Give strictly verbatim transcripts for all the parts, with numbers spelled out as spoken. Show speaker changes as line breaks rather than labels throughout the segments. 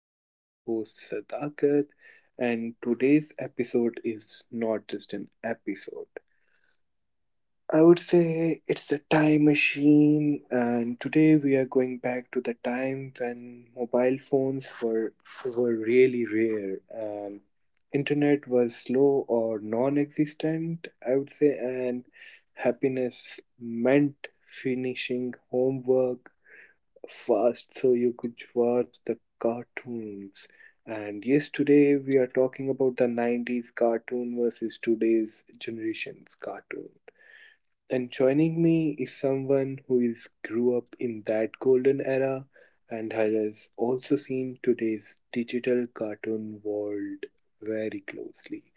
I'm your host, Sadakat, and today's episode is not just an episode. I would say it's a time machine, and today we are going back to the time when mobile phones were, were really rare and internet was slow or non existent, I would say, and happiness meant finishing homework fast so you could watch the cartoons. And yes, today we are talking about the nineties cartoon versus today's generation's cartoon. And joining me is someone who is grew up in that golden era and has also seen today's digital cartoon world very closely.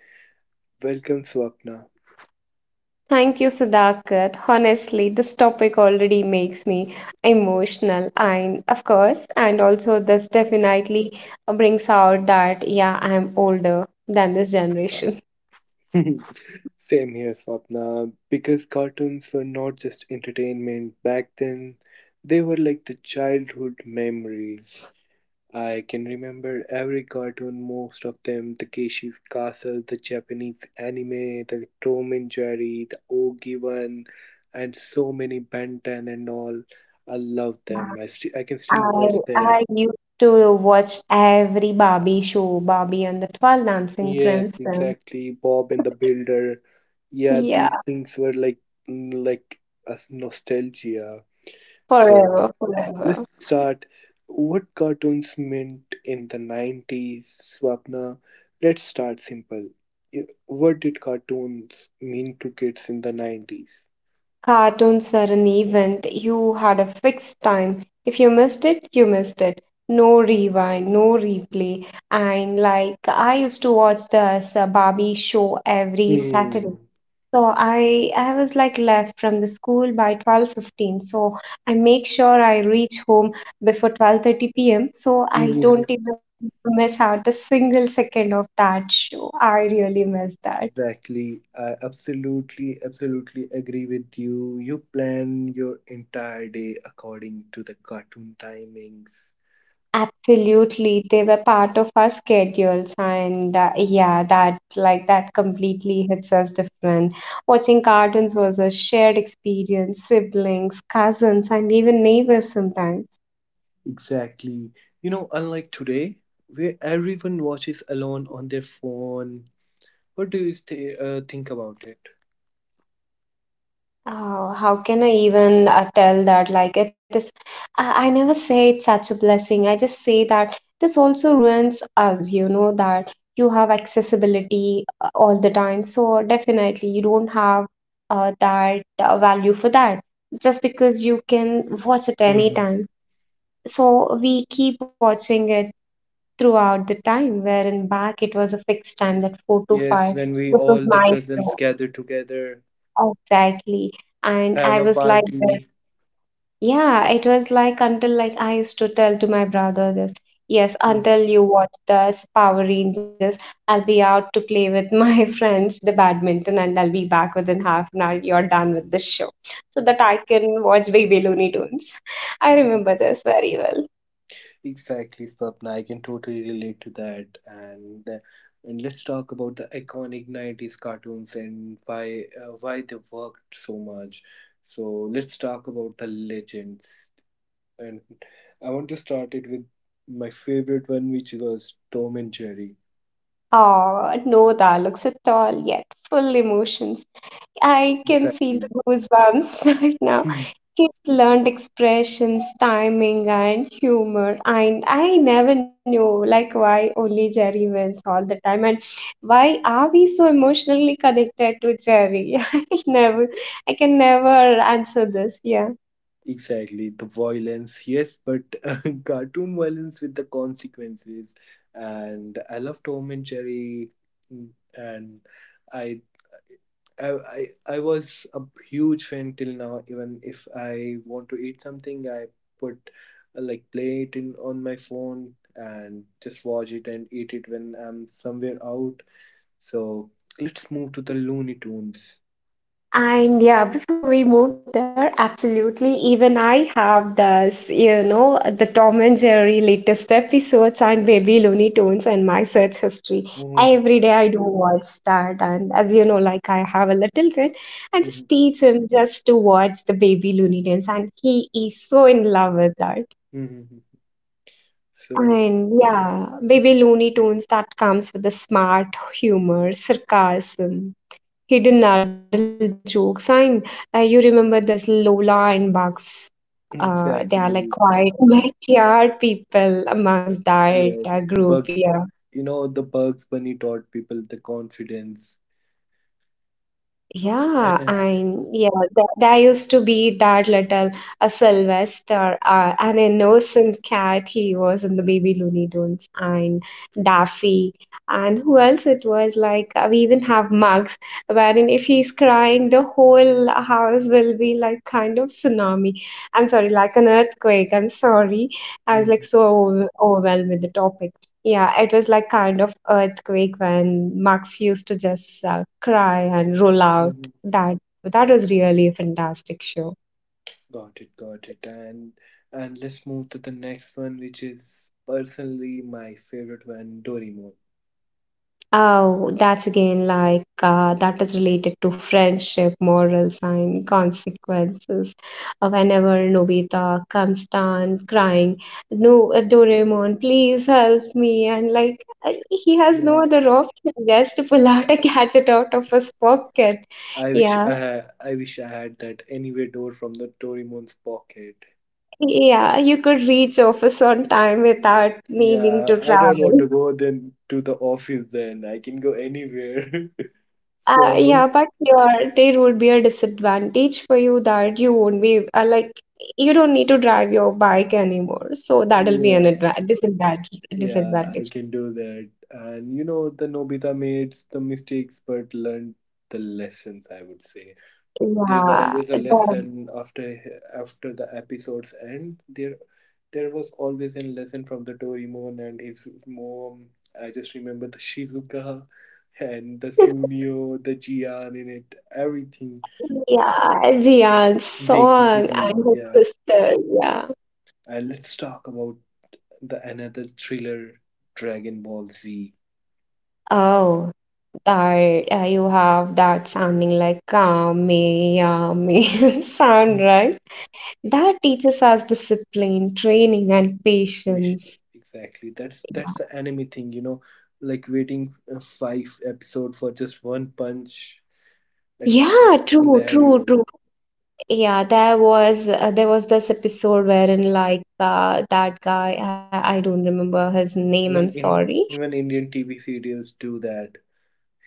Welcome, Swapna.
Thank you, Sadakat. Honestly, this topic already makes me emotional, and of course, and also this definitely brings out that yeah, I'm older than this generation.
Same here, Swapna, because cartoons were not just entertainment back then. They were like the childhood memories. I can remember every cartoon, most of them the Keishi's Castle, the Japanese anime, the Tom and Jerry, the Ogi one, and so many Benton and all. I love them. I, st- I can still
I
watch them.
I used to watch every Barbie show, Barbie and the Twelve Dancing
Yes,
Princess.
exactly. Bob and the Builder. Yeah,
Yeah,
these things were like mm, like a nostalgia. So
forever, forever.
let's start. What cartoons meant in the nineties, Swapna? Let's start simple. Y- What did cartoons mean to kids in the nineties?
Cartoons were an event. You had a fixed time. If you missed it, you missed it. No rewind, no replay. And like I used to watch this uh, Barbie show every Saturday.
Hmm.
So I I was like left from the school by twelve fifteen. So I make sure I reach home before twelve thirty p m. So I
Mhm.
don't even miss out a single second of that show. I really miss that.
Exactly. I absolutely, absolutely agree with you. You plan your entire day according to the cartoon timings.
Absolutely, they were part of our schedules, and uh, yeah, that like that completely hits us different. Watching cartoons was a shared experience, siblings, cousins, and even neighbors sometimes.
Exactly. You know, unlike today, where everyone watches alone on their phone, what do you th- uh, think about it?
Oh, how can I even uh, tell that? Like, it is, I, I never say it's such a blessing. I just say that this also ruins us, you know, that you have accessibility uh, all the time. So, definitely, you don't have uh, that uh, value for that just because you can watch it
Mhm.
anytime. So, we keep watching it throughout the time, wherein back it was a fixed time, that four to
Yes,
five.
when we
This was
all the
my
cousins
show.
gather together,
Exactly. And
have
I
a
was like,
party.
yeah, it was like until like I used to tell to my brother this, yes, until
Mhm.
you watch the Power Rangers, I'll be out to play with my friends, the badminton, and I'll be back within half an hour. You're done with the show. So that I can watch Baby Looney Tunes. I remember this very well.
Exactly, Swapna. I can totally relate to that. And the, and let's talk about the iconic nineties cartoons and why uh, why they worked so much. So let's talk about the legends. And I want to start it with my favorite one, which was Tom and Jerry.
Oh, no dialogues at all yet. Full emotions. I can feel
Exactly.
the goosebumps right now. Kids learned expressions, timing, and humor. And I never knew, like, why only Jerry wins all the time, and why are we so emotionally connected to Jerry? I never, I can never answer this. Yeah.
Exactly, the violence, yes, but uh, cartoon violence with the consequences. And I love Tom and Jerry, mm, and I, I, I, I was a huge fan till now. Even if I want to eat something, I put uh, like play it in on my phone and just watch it and eat it when I'm somewhere out. So let's move to the Looney Tunes.
And yeah, before we move there, absolutely. Even I have this, you know, the Tom and Jerry latest episodes and Baby Looney Tunes and my search history.
Mhm,
Every day I do watch that. And as you know, like I have a little kid, I
mhm,
just teach him just to watch the Baby Looney Tunes. And he is so in love with that.
mhm. So
And yeah, Baby Looney Tunes that comes with the smart humor, sarcasm hidden adult joke sign. Uh, you remember this Lola and Bugs. Uh, they are
exactly.
like quiet backyard people amongst that uh,
Yes,
group.
Bugs,
Yeah.
you know, the Bugs Bunny taught people the confidence.
Yeah, and yeah, th there used to be that little a Sylvester, uh, an innocent cat he was in the Baby Looney Tunes, and Daffy, and who else it was like uh, we even have Mugs, wherein if he's crying, the whole house will be like kind of tsunami. I'm sorry, like an earthquake. I'm sorry, I was like
Mhm,
so over overwhelmed with the topic. Yeah, it was like kind of earthquake when Mugs used to just uh, cry and roll out.
mhm.
That that was really a fantastic show.
Got it, got it. And and let's move to the next one, which is personally my favorite one, Doraemon.
Oh, that's again like uh, that is related to friendship, morals, and consequences. Uh, whenever Nobita comes down crying, no, uh, Doraemon, please help me. And like, uh, he has no
Yeah,
other option just to pull out a gadget out of his pocket.
I wish I
Yeah,
had, I wish I had that anywhere door from the Doraemon's pocket.
yeah, you could reach office on time without needing
Yeah,
to
I don't want
travel.
to go then to the office then. I can go anywhere.
Uh, yeah,
So,
but your there would be a disadvantage for you that you won't be uh, like you don't need to drive your bike anymore, so that'll be an
yeah.
adva disadvantage
Yeah, I
disadvantage.
can do that. And you know, the Nobita made the mistakes but learned the lessons, I would say. There's
Yeah,
always a
that.
lesson after after the episodes end. There there was always a lesson from the Doraemon and his mom. I just remember the Shizuka and the Sunio, the Jian in it, everything.
Yeah, Jian's song
Dekisugi,
and
yeah.
his sister. Yeah.
And let's talk about the another thriller, Dragon Ball Z.
Oh, that uh, you have that sounding like kame yame sound, right? That teaches us discipline, training, and
Patient.
patience.
Exactly. That's that's the anime thing, you know, like waiting uh, five episode for just one punch. That's
Yeah, true, true,
hilarious.
true. Yeah, there was uh, there was this episode wherein like uh, that guy I, I don't remember his name, I'm
Even in
sorry.
even Indian T V serials do that.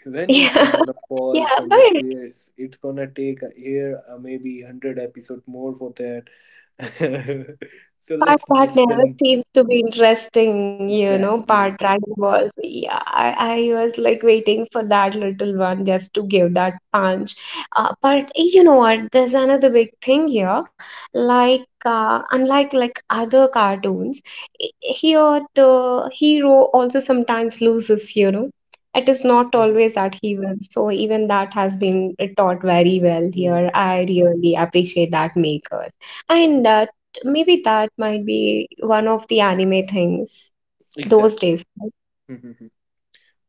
When is she
Yeah,
gonna fall
yeah,
from
but
the stairs? It's gonna take a year, uh, maybe hundred episode more for that. So
part
let's move
that
to the
never
n-
seems to be interesting, you know. Part
exactly.
that was, yeah, I, I was like waiting for that little one just to give that punch. Uh, but you know what? There's another big thing here. Like, uh, unlike like other cartoons, i- here the hero also sometimes loses, you know. It is not
Mhm.
always that he wins. So even that has been taught very well
Mm,
here. I really appreciate that makers. And uh, Maybe that might be one of the anime things those
exactly.
days, right?
Mhm, mhm.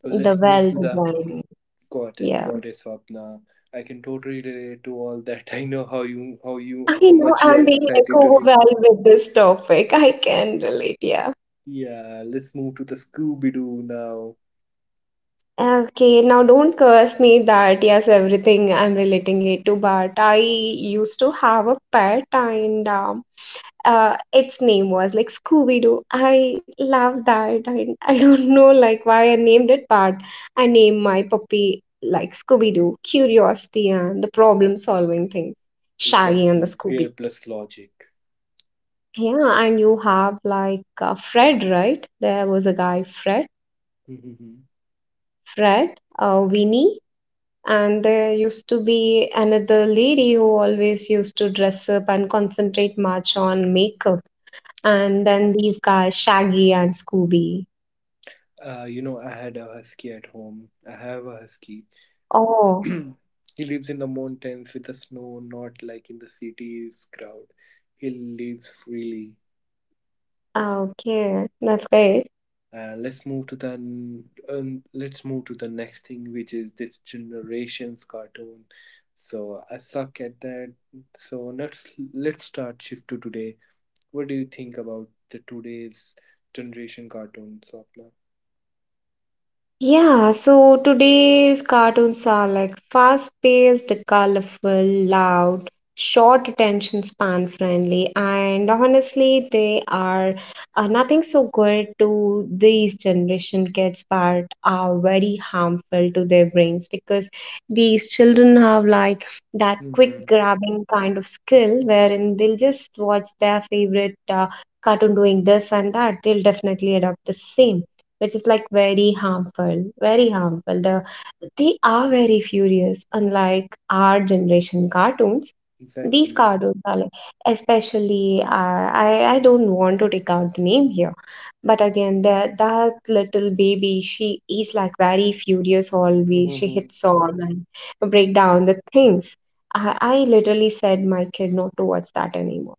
So
The
let's move
well
to the
design.
got it,
Yeah.
got it, Swapna. I can totally relate to all that. I know how you, how you,
I
how
know
much you
I'm
are
being like
excited to do.
overwhelmed with this topic. I can relate, yeah.
Yeah, let's move to the Scooby Doo now.
Okay, now don't curse me that yes, everything I'm relating it to, but I used to have a pet and um, uh, its name was like Scooby Doo. I love that. I, I don't know like why I named it, but I named my puppy like Scooby Doo, curiosity and the problem solving things. Shaggy and the
Exactly,
Scooby.
fear plus logic.
Yeah, and you have like uh, Fred, right? There was a guy, Fred,
Mhm.
Fred, uh, Winnie, and there used to be another lady who always used to dress up and concentrate much on makeup. And then these guys, Shaggy and Scooby.
Uh, you know, I had a husky at home. I have a husky.
Oh,
He lives in the mountains with the snow, not like in the city's crowd. He lives freely.
ah, okay. That's great.
And let's move to the um, let's move to the next thing, which is this generation's cartoon. So I suck at that. So let's let's start shift to today. What do you think about the today's generation cartoon, Swapna?
Yeah, so today's cartoons are like fast-paced, colorful, loud, short attention span friendly, and honestly, they are uh, nothing so good to these generation kids, but are very harmful to their brains because these children have like that quick
Mm-hmm.
grabbing kind of skill wherein they'll just watch their favorite uh, cartoon doing this and that. They'll definitely adopt the same which is like very harmful, very harmful. The they are very furious, unlike our generation cartoons. These
Exactly.
cartoons are like, especially uh, I I don't want to take out the name here, but again that that little baby she is like very furious always. She
Hmm.
hits on and break down the things. I I literally said my kid not to watch that anymore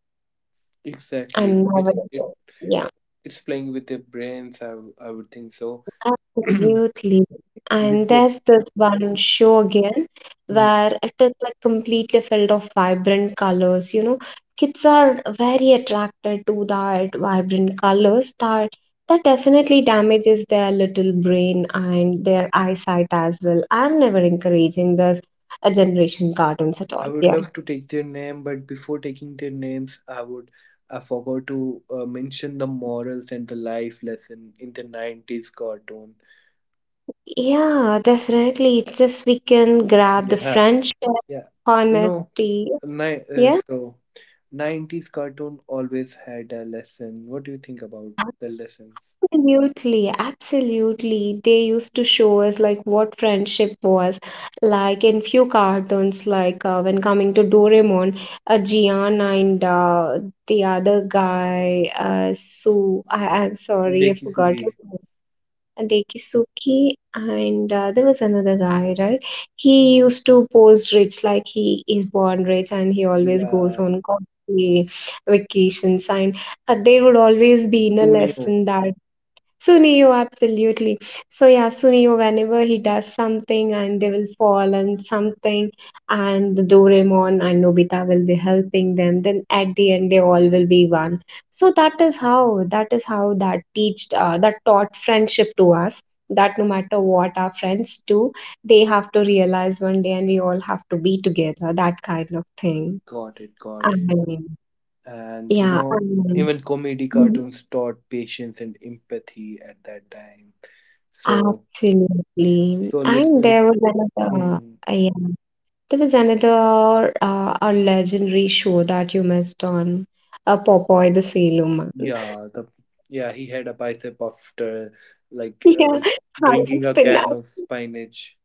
and
Exactly.
never
It's it
again. Yeah.
it's playing with their brains. I w- I would think so.
Absolutely. And
Before.
there's this one show again
Hmm.
where it is like completely filled of vibrant colors. You know, kids are very attracted to that vibrant colors that that definitely damages their little brain and their eyesight as well. I'm never encouraging this uh, generation cartoons at
I
all.
would
Yeah.
love to take their name, but before taking their names, I would I forgot to uh, mention the morals and the life lesson in the nineties cartoon.
Yeah, definitely. It's just we can grab the
Yeah,
friendship,
yeah. You know,
honesty.
ni- uh,
Yeah.
so nineties cartoon always had a lesson. What do you think about the lessons?
Absolutely, absolutely. They used to show us like what friendship was. Like in few cartoons, like uh, when coming to Doraemon, uh, Gian and uh, the other guy, uh, Su. I I'm sorry, I forgot
Dekisugi.
his name. Dekisuke and uh, there was another guy, right? He used to pose rich, like he is born rich, and he always goes
Yeah.
on costly vacations. And uh, there would always be in a
Sunio.
lesson that Sunio, absolutely. So yeah, Sunio, whenever he does something and they will fall on something, and the Doraemon and Nobita will be helping them, then at the end they all will be one. So that is how that is how that teached uh, that taught friendship to us. That no matter what our friends do, they have to realize one day, and we all have to be together. That kind of thing.
Got it,
I
got it.
mean,
And you
yeah. I
know,
mean,
even comedy
mm-hmm.
cartoons taught patience and empathy at that time. So
Absolutely.
so let's
And
uh,
there was another,
Mm,
uh, yeah, there was another uh, a legendary show that you missed on, uh, Popeye the Sailor Man.
yeah, the yeah, he had a bicep after like uh,
Yeah, Heart of
drinking a can
Pinnacle.
of spinach.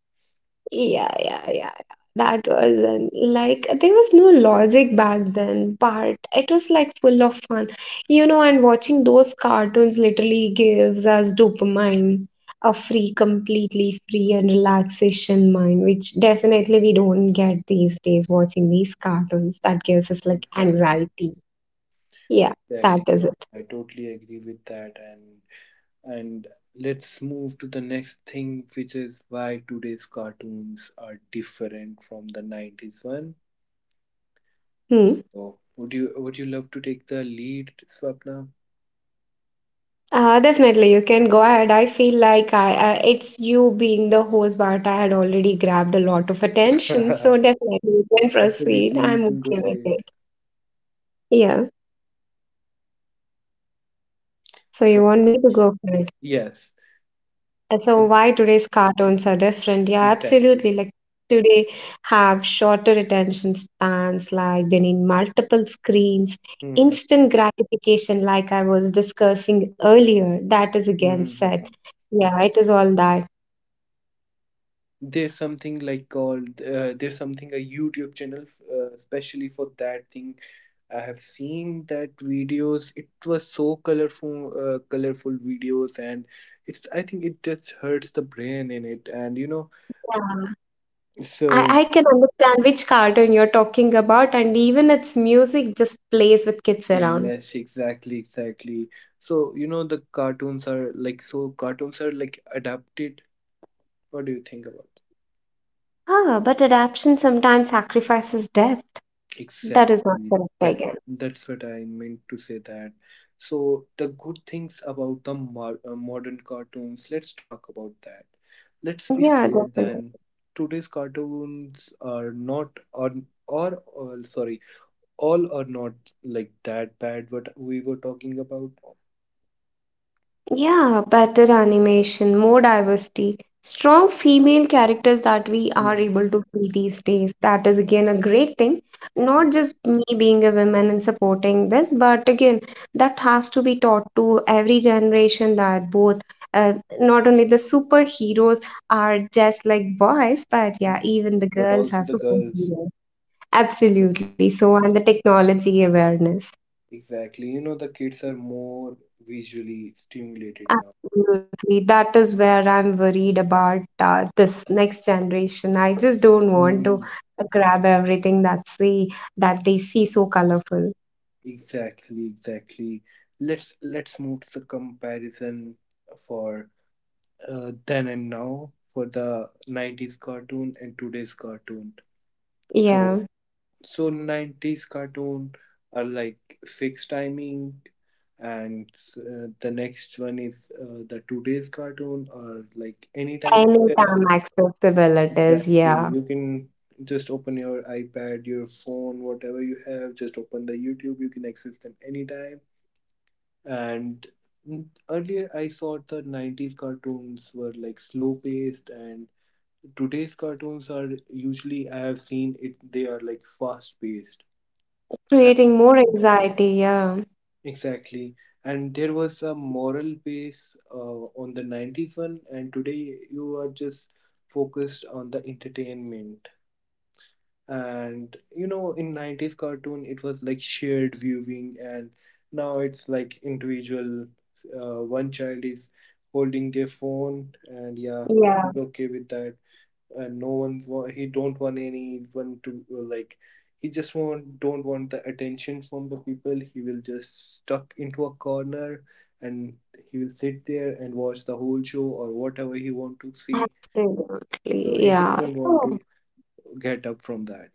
Yeah, yeah, yeah, yeah. That was an, like there was no logic back then, but it was like full of fun, you know. And watching those cartoons literally gives us dopamine, a free, completely free and relaxation mind, which definitely we don't get these days watching these cartoons. That gives us like
Exactly,
anxiety. Yeah,
exactly.
that is
John.
it.
I totally agree with that. And and let's move to the next thing, which is why today's cartoons are different from the nineties one.
Hmm.
So would you would you love to take the lead, Swapna?
Uh, definitely, you can go ahead. I feel like I, uh, it's you being the host, but I had already grabbed a lot of attention. So definitely, you can proceed.
Absolutely, you
I'm
can go
okay
for
with
it.
it. Yeah. So
So
you want me to go for it?
yes,
Uh, So
but
why today's cartoons are different? Yeah,
exactly.
absolutely. Like today have shorter attention spans. Like they need multiple screens,
Hmm.
instant gratification. Like I was discussing earlier, that is again said. Yeah, it is all that.
There's something like called uh, there's something a YouTube channel uh, especially for that thing. I have seen that videos. It was so colorful, uh, colorful videos, and it's, I think it just hurts the brain in it, and you know.
Yeah. I,
So
I can understand which cartoon you're talking about, and even its music just plays with kids around.
yes, exactly, exactly. So you know the cartoons are like, so cartoons are like adapted. What do you think about
Ah, but adaptation sometimes sacrifices depth. That is not
exactly.
correct
That's
again.
that's what I meant to say that. So the good things about the mar- uh, modern cartoons, let's talk about that. Let's be
Yeah,
fair
definitely.
then. Today's cartoons are not or or, or sorry, all are not like that bad what we were talking about.
Yeah, better animation, more diversity, strong female characters that we are
Mhm,
able to see these days. That is again a great thing.
mhm,
Not just me being a woman and supporting this, but again, that has to be taught to every generation that both, uh, not only the superheroes are just like boys, but yeah,
mhm.
even the
But
girls
also
are
the girls.
superheroes. Absolutely. So, and the technology awareness.
Exactly. You know, the kids are more visually stimulated now.
Absolutely. That is where I'm worried about uh, this next generation. I just don't want to
Mm-hmm.
grab everything that see that they see so colorful.
Exactly, exactly. Let's let's move to the comparison for uh, then and now for the nineties cartoon and today's cartoon. So
Yeah.
so nineties cartoon are like fixed timing and uh, the next one is uh, the today's cartoon or like anytime access.
Anytime accessible it is,
Exactly.
yeah.
You can just open your iPad, your phone, whatever you have, just open the YouTube, you can access them anytime. And earlier, I thought the nineties cartoons were like slow paced, and today's cartoons are usually, I have seen it, they are like fast paced.
Creating more anxiety, yeah.
Exactly. And there was a moral base uh, on the nineties one, and today you are just focused on the entertainment. And you know, in nineties cartoon it was like shared viewing, and now it's like individual, uh, one child is holding their phone, and yeah,
Yeah,
he's okay with that, and no one's wa- he don't want anyone to uh, like he just want don't want the attention from the people. He will just stuck into a corner, and he will sit there and watch the whole show or whatever he want to see, so
absolutely.
he just
Yeah.
don't want
So
to get up from that.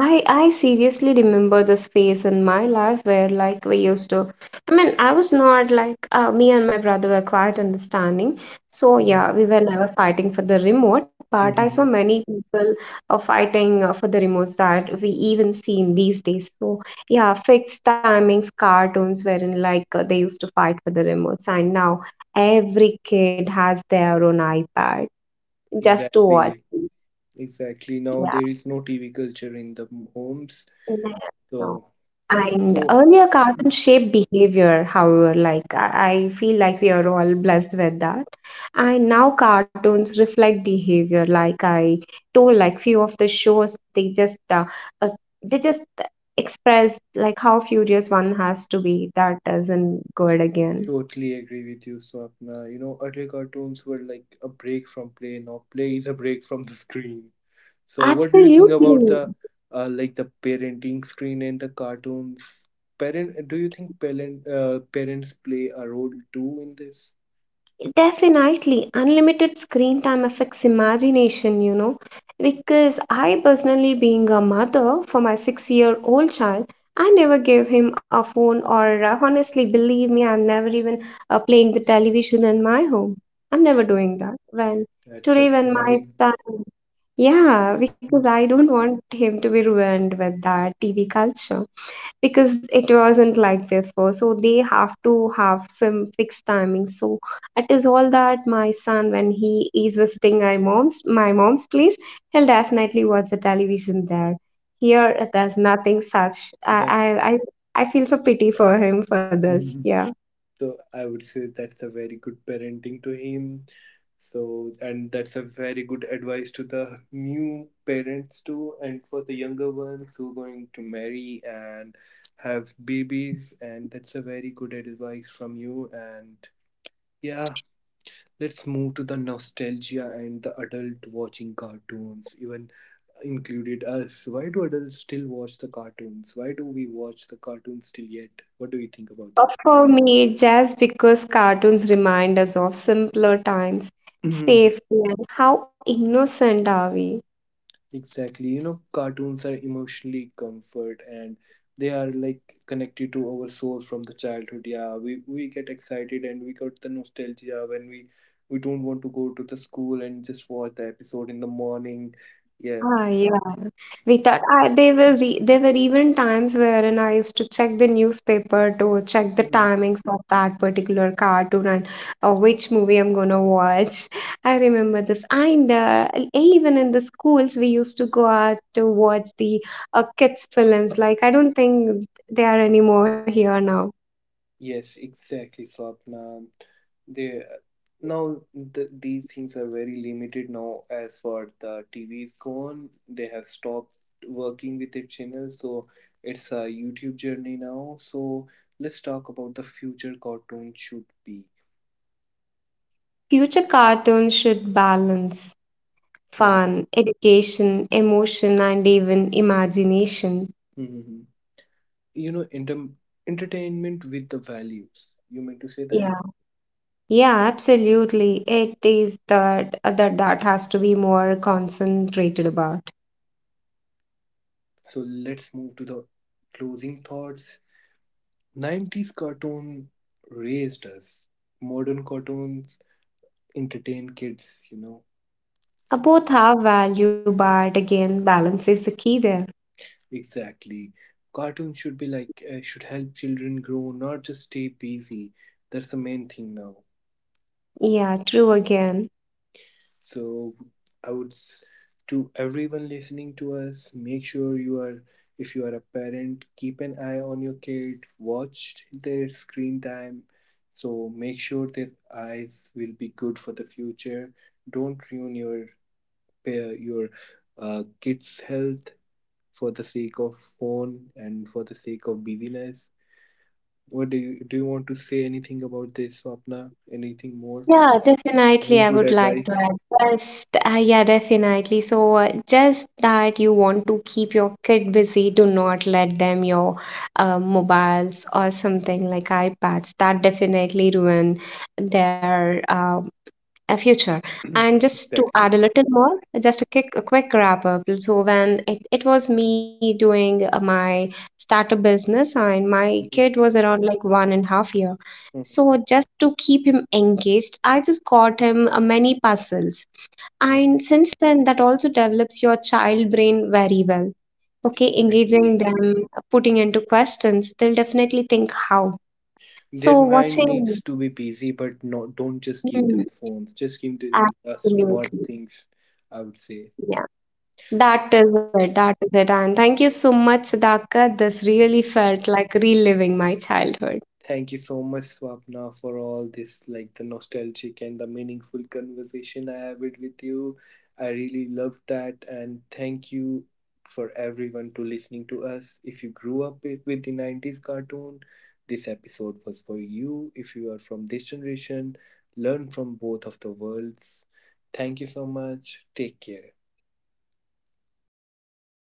I I seriously remember this phase in my life where like we used to, I mean I was not like uh, me and my brother were quite understanding, so yeah
Mhm.
we were never fighting for the remote, but I saw many people uh, fighting uh, for the remotes that we even seen these days. So yeah, fixed timings cartoons wherein like uh, they used to fight for the remotes, and now every kid has their own iPad just to watch
Exactly,
these,
exactly. Now there is no T V culture in the m- homes,
yeah.
so
And
so
earlier cartoon
mm,
shaped behavior, however, like I, I feel like we are all blessed with that. And now cartoons reflect behavior, like I told, like few of the shows they just uh, uh, they just express like how furious one has to be. That isn't good again.
totally agree with you, Swapna. You know, earlier cartoons were like a break from play. Now play is a break from the screen. So what do you think about
Absolutely.
the uh, like the parenting screen and the cartoons? Parent, do you think parent uh, parents play a role too in this?
Definitely, unlimited screen time affects imagination, you know, because I personally, being a mother for my six year old child, I never gave him a phone, or uh, honestly, believe me, I'm never even uh, playing the television in my home. I'm never doing that. When
That's
today,
a
when my
very
son, yeah, because I don't want him to be ruined with that T V culture, because it wasn't like before, so they have to have some fixed timing. So it is all that my son, when he is visiting my mom's my mom's place, he'll definitely watch the television there. Here there's nothing such. i
that.
i i, I feel so pity for him for this,
Mm-hmm.
yeah.
So I would say that's a very good parenting to him. So, and that's a very good advice to the new parents too, and for the younger ones who are going to marry and have babies. And that's a very good advice from you. And yeah, let's move to the nostalgia and the adult watching cartoons, even included us. Why do adults still watch the cartoons? Why do we watch the cartoons still yet? What do you think about
Uh, For me, just because cartoons remind us of simpler times,
this?
safety, and how innocent are we?
Exactly. You know, cartoons are emotionally comfort, and they are like connected to our soul from the childhood. Yeah, we, we get excited, and we got the nostalgia when we we don't want to go to the school and just watch the episode in the morning. Yeah.
Ah, yeah. We thought, I, there was e- there were even times wherein I used to check the newspaper to check the timings of that particular cartoon, and uh, which movie I'm gonna watch. I remember this, and uh, even in the schools we used to go out to watch the uh, kids films. Like I don't think they are anymore here now.
Yes, exactly, Swapna. They Now the, these things are very limited now as for the T V is gone. They have stopped working with their channel, so it's a YouTube journey now. So let's talk about the future cartoon should be.
Future cartoons should balance
Mhm.
fun, education, emotion, and even imagination.
Mhm. You know, inter- entertainment with the values. You meant to say that?
Yeah. Yeah, absolutely. It is that that that has to be more concentrated about.
So let's move to the closing thoughts. nineties cartoon raised us. Modern cartoons entertain kids, you know.
Uh, Both have value, but again, balance is the key there.
Exactly, cartoons should be like uh, should help children grow, not just stay busy. That's the main thing now.
Yeah, true again.
So i would s- to everyone listening to us, make sure you are, if you are a parent, keep an eye on your kid, watch their screen time, so make sure their eyes will be good for the future. Don't ruin your pa- your uh, kids health for the sake of phone and for the sake of busyness. What do you, do you want to say anything about this, Swapna? Anything more?
Yeah, definitely.
Any
I
good
would like to
advice?
add just uh, yeah, definitely. So uh, just that you want to keep your kid busy, do not let them your uh, mobiles or something like iPads. That definitely ruin their uh, a future. And just to add
Exactly.
a little more, just a quick, a quick wrap up. So when it, it was me doing uh, my startup business and my kid
Mhm,
was around like one and a half year.
mhm,
So just to keep him engaged, I just got him uh, many puzzles.
mhm,
And since then, that also develops your child brain very well. Okay,
exactly.
engaging them, uh, putting into questions, they'll definitely think how.
Their
So
mind
watching,
needs to be busy, but not, don't just give
mm,
them phones. Just give them uh, smart
absolutely.
things, I would say.
Yeah. That is it. That is it. And thank you so much, Sudhakar. This
Yeah.
really felt like reliving my childhood.
Thank you so much, Swapna, for all this, like the nostalgic and the meaningful conversation I have it with you. I really loved that, and thank you for everyone to listening to us. If you grew up with with the nineties cartoon, this episode was for you. If you are from this generation, learn from both of the worlds. Thank you so much. Take care.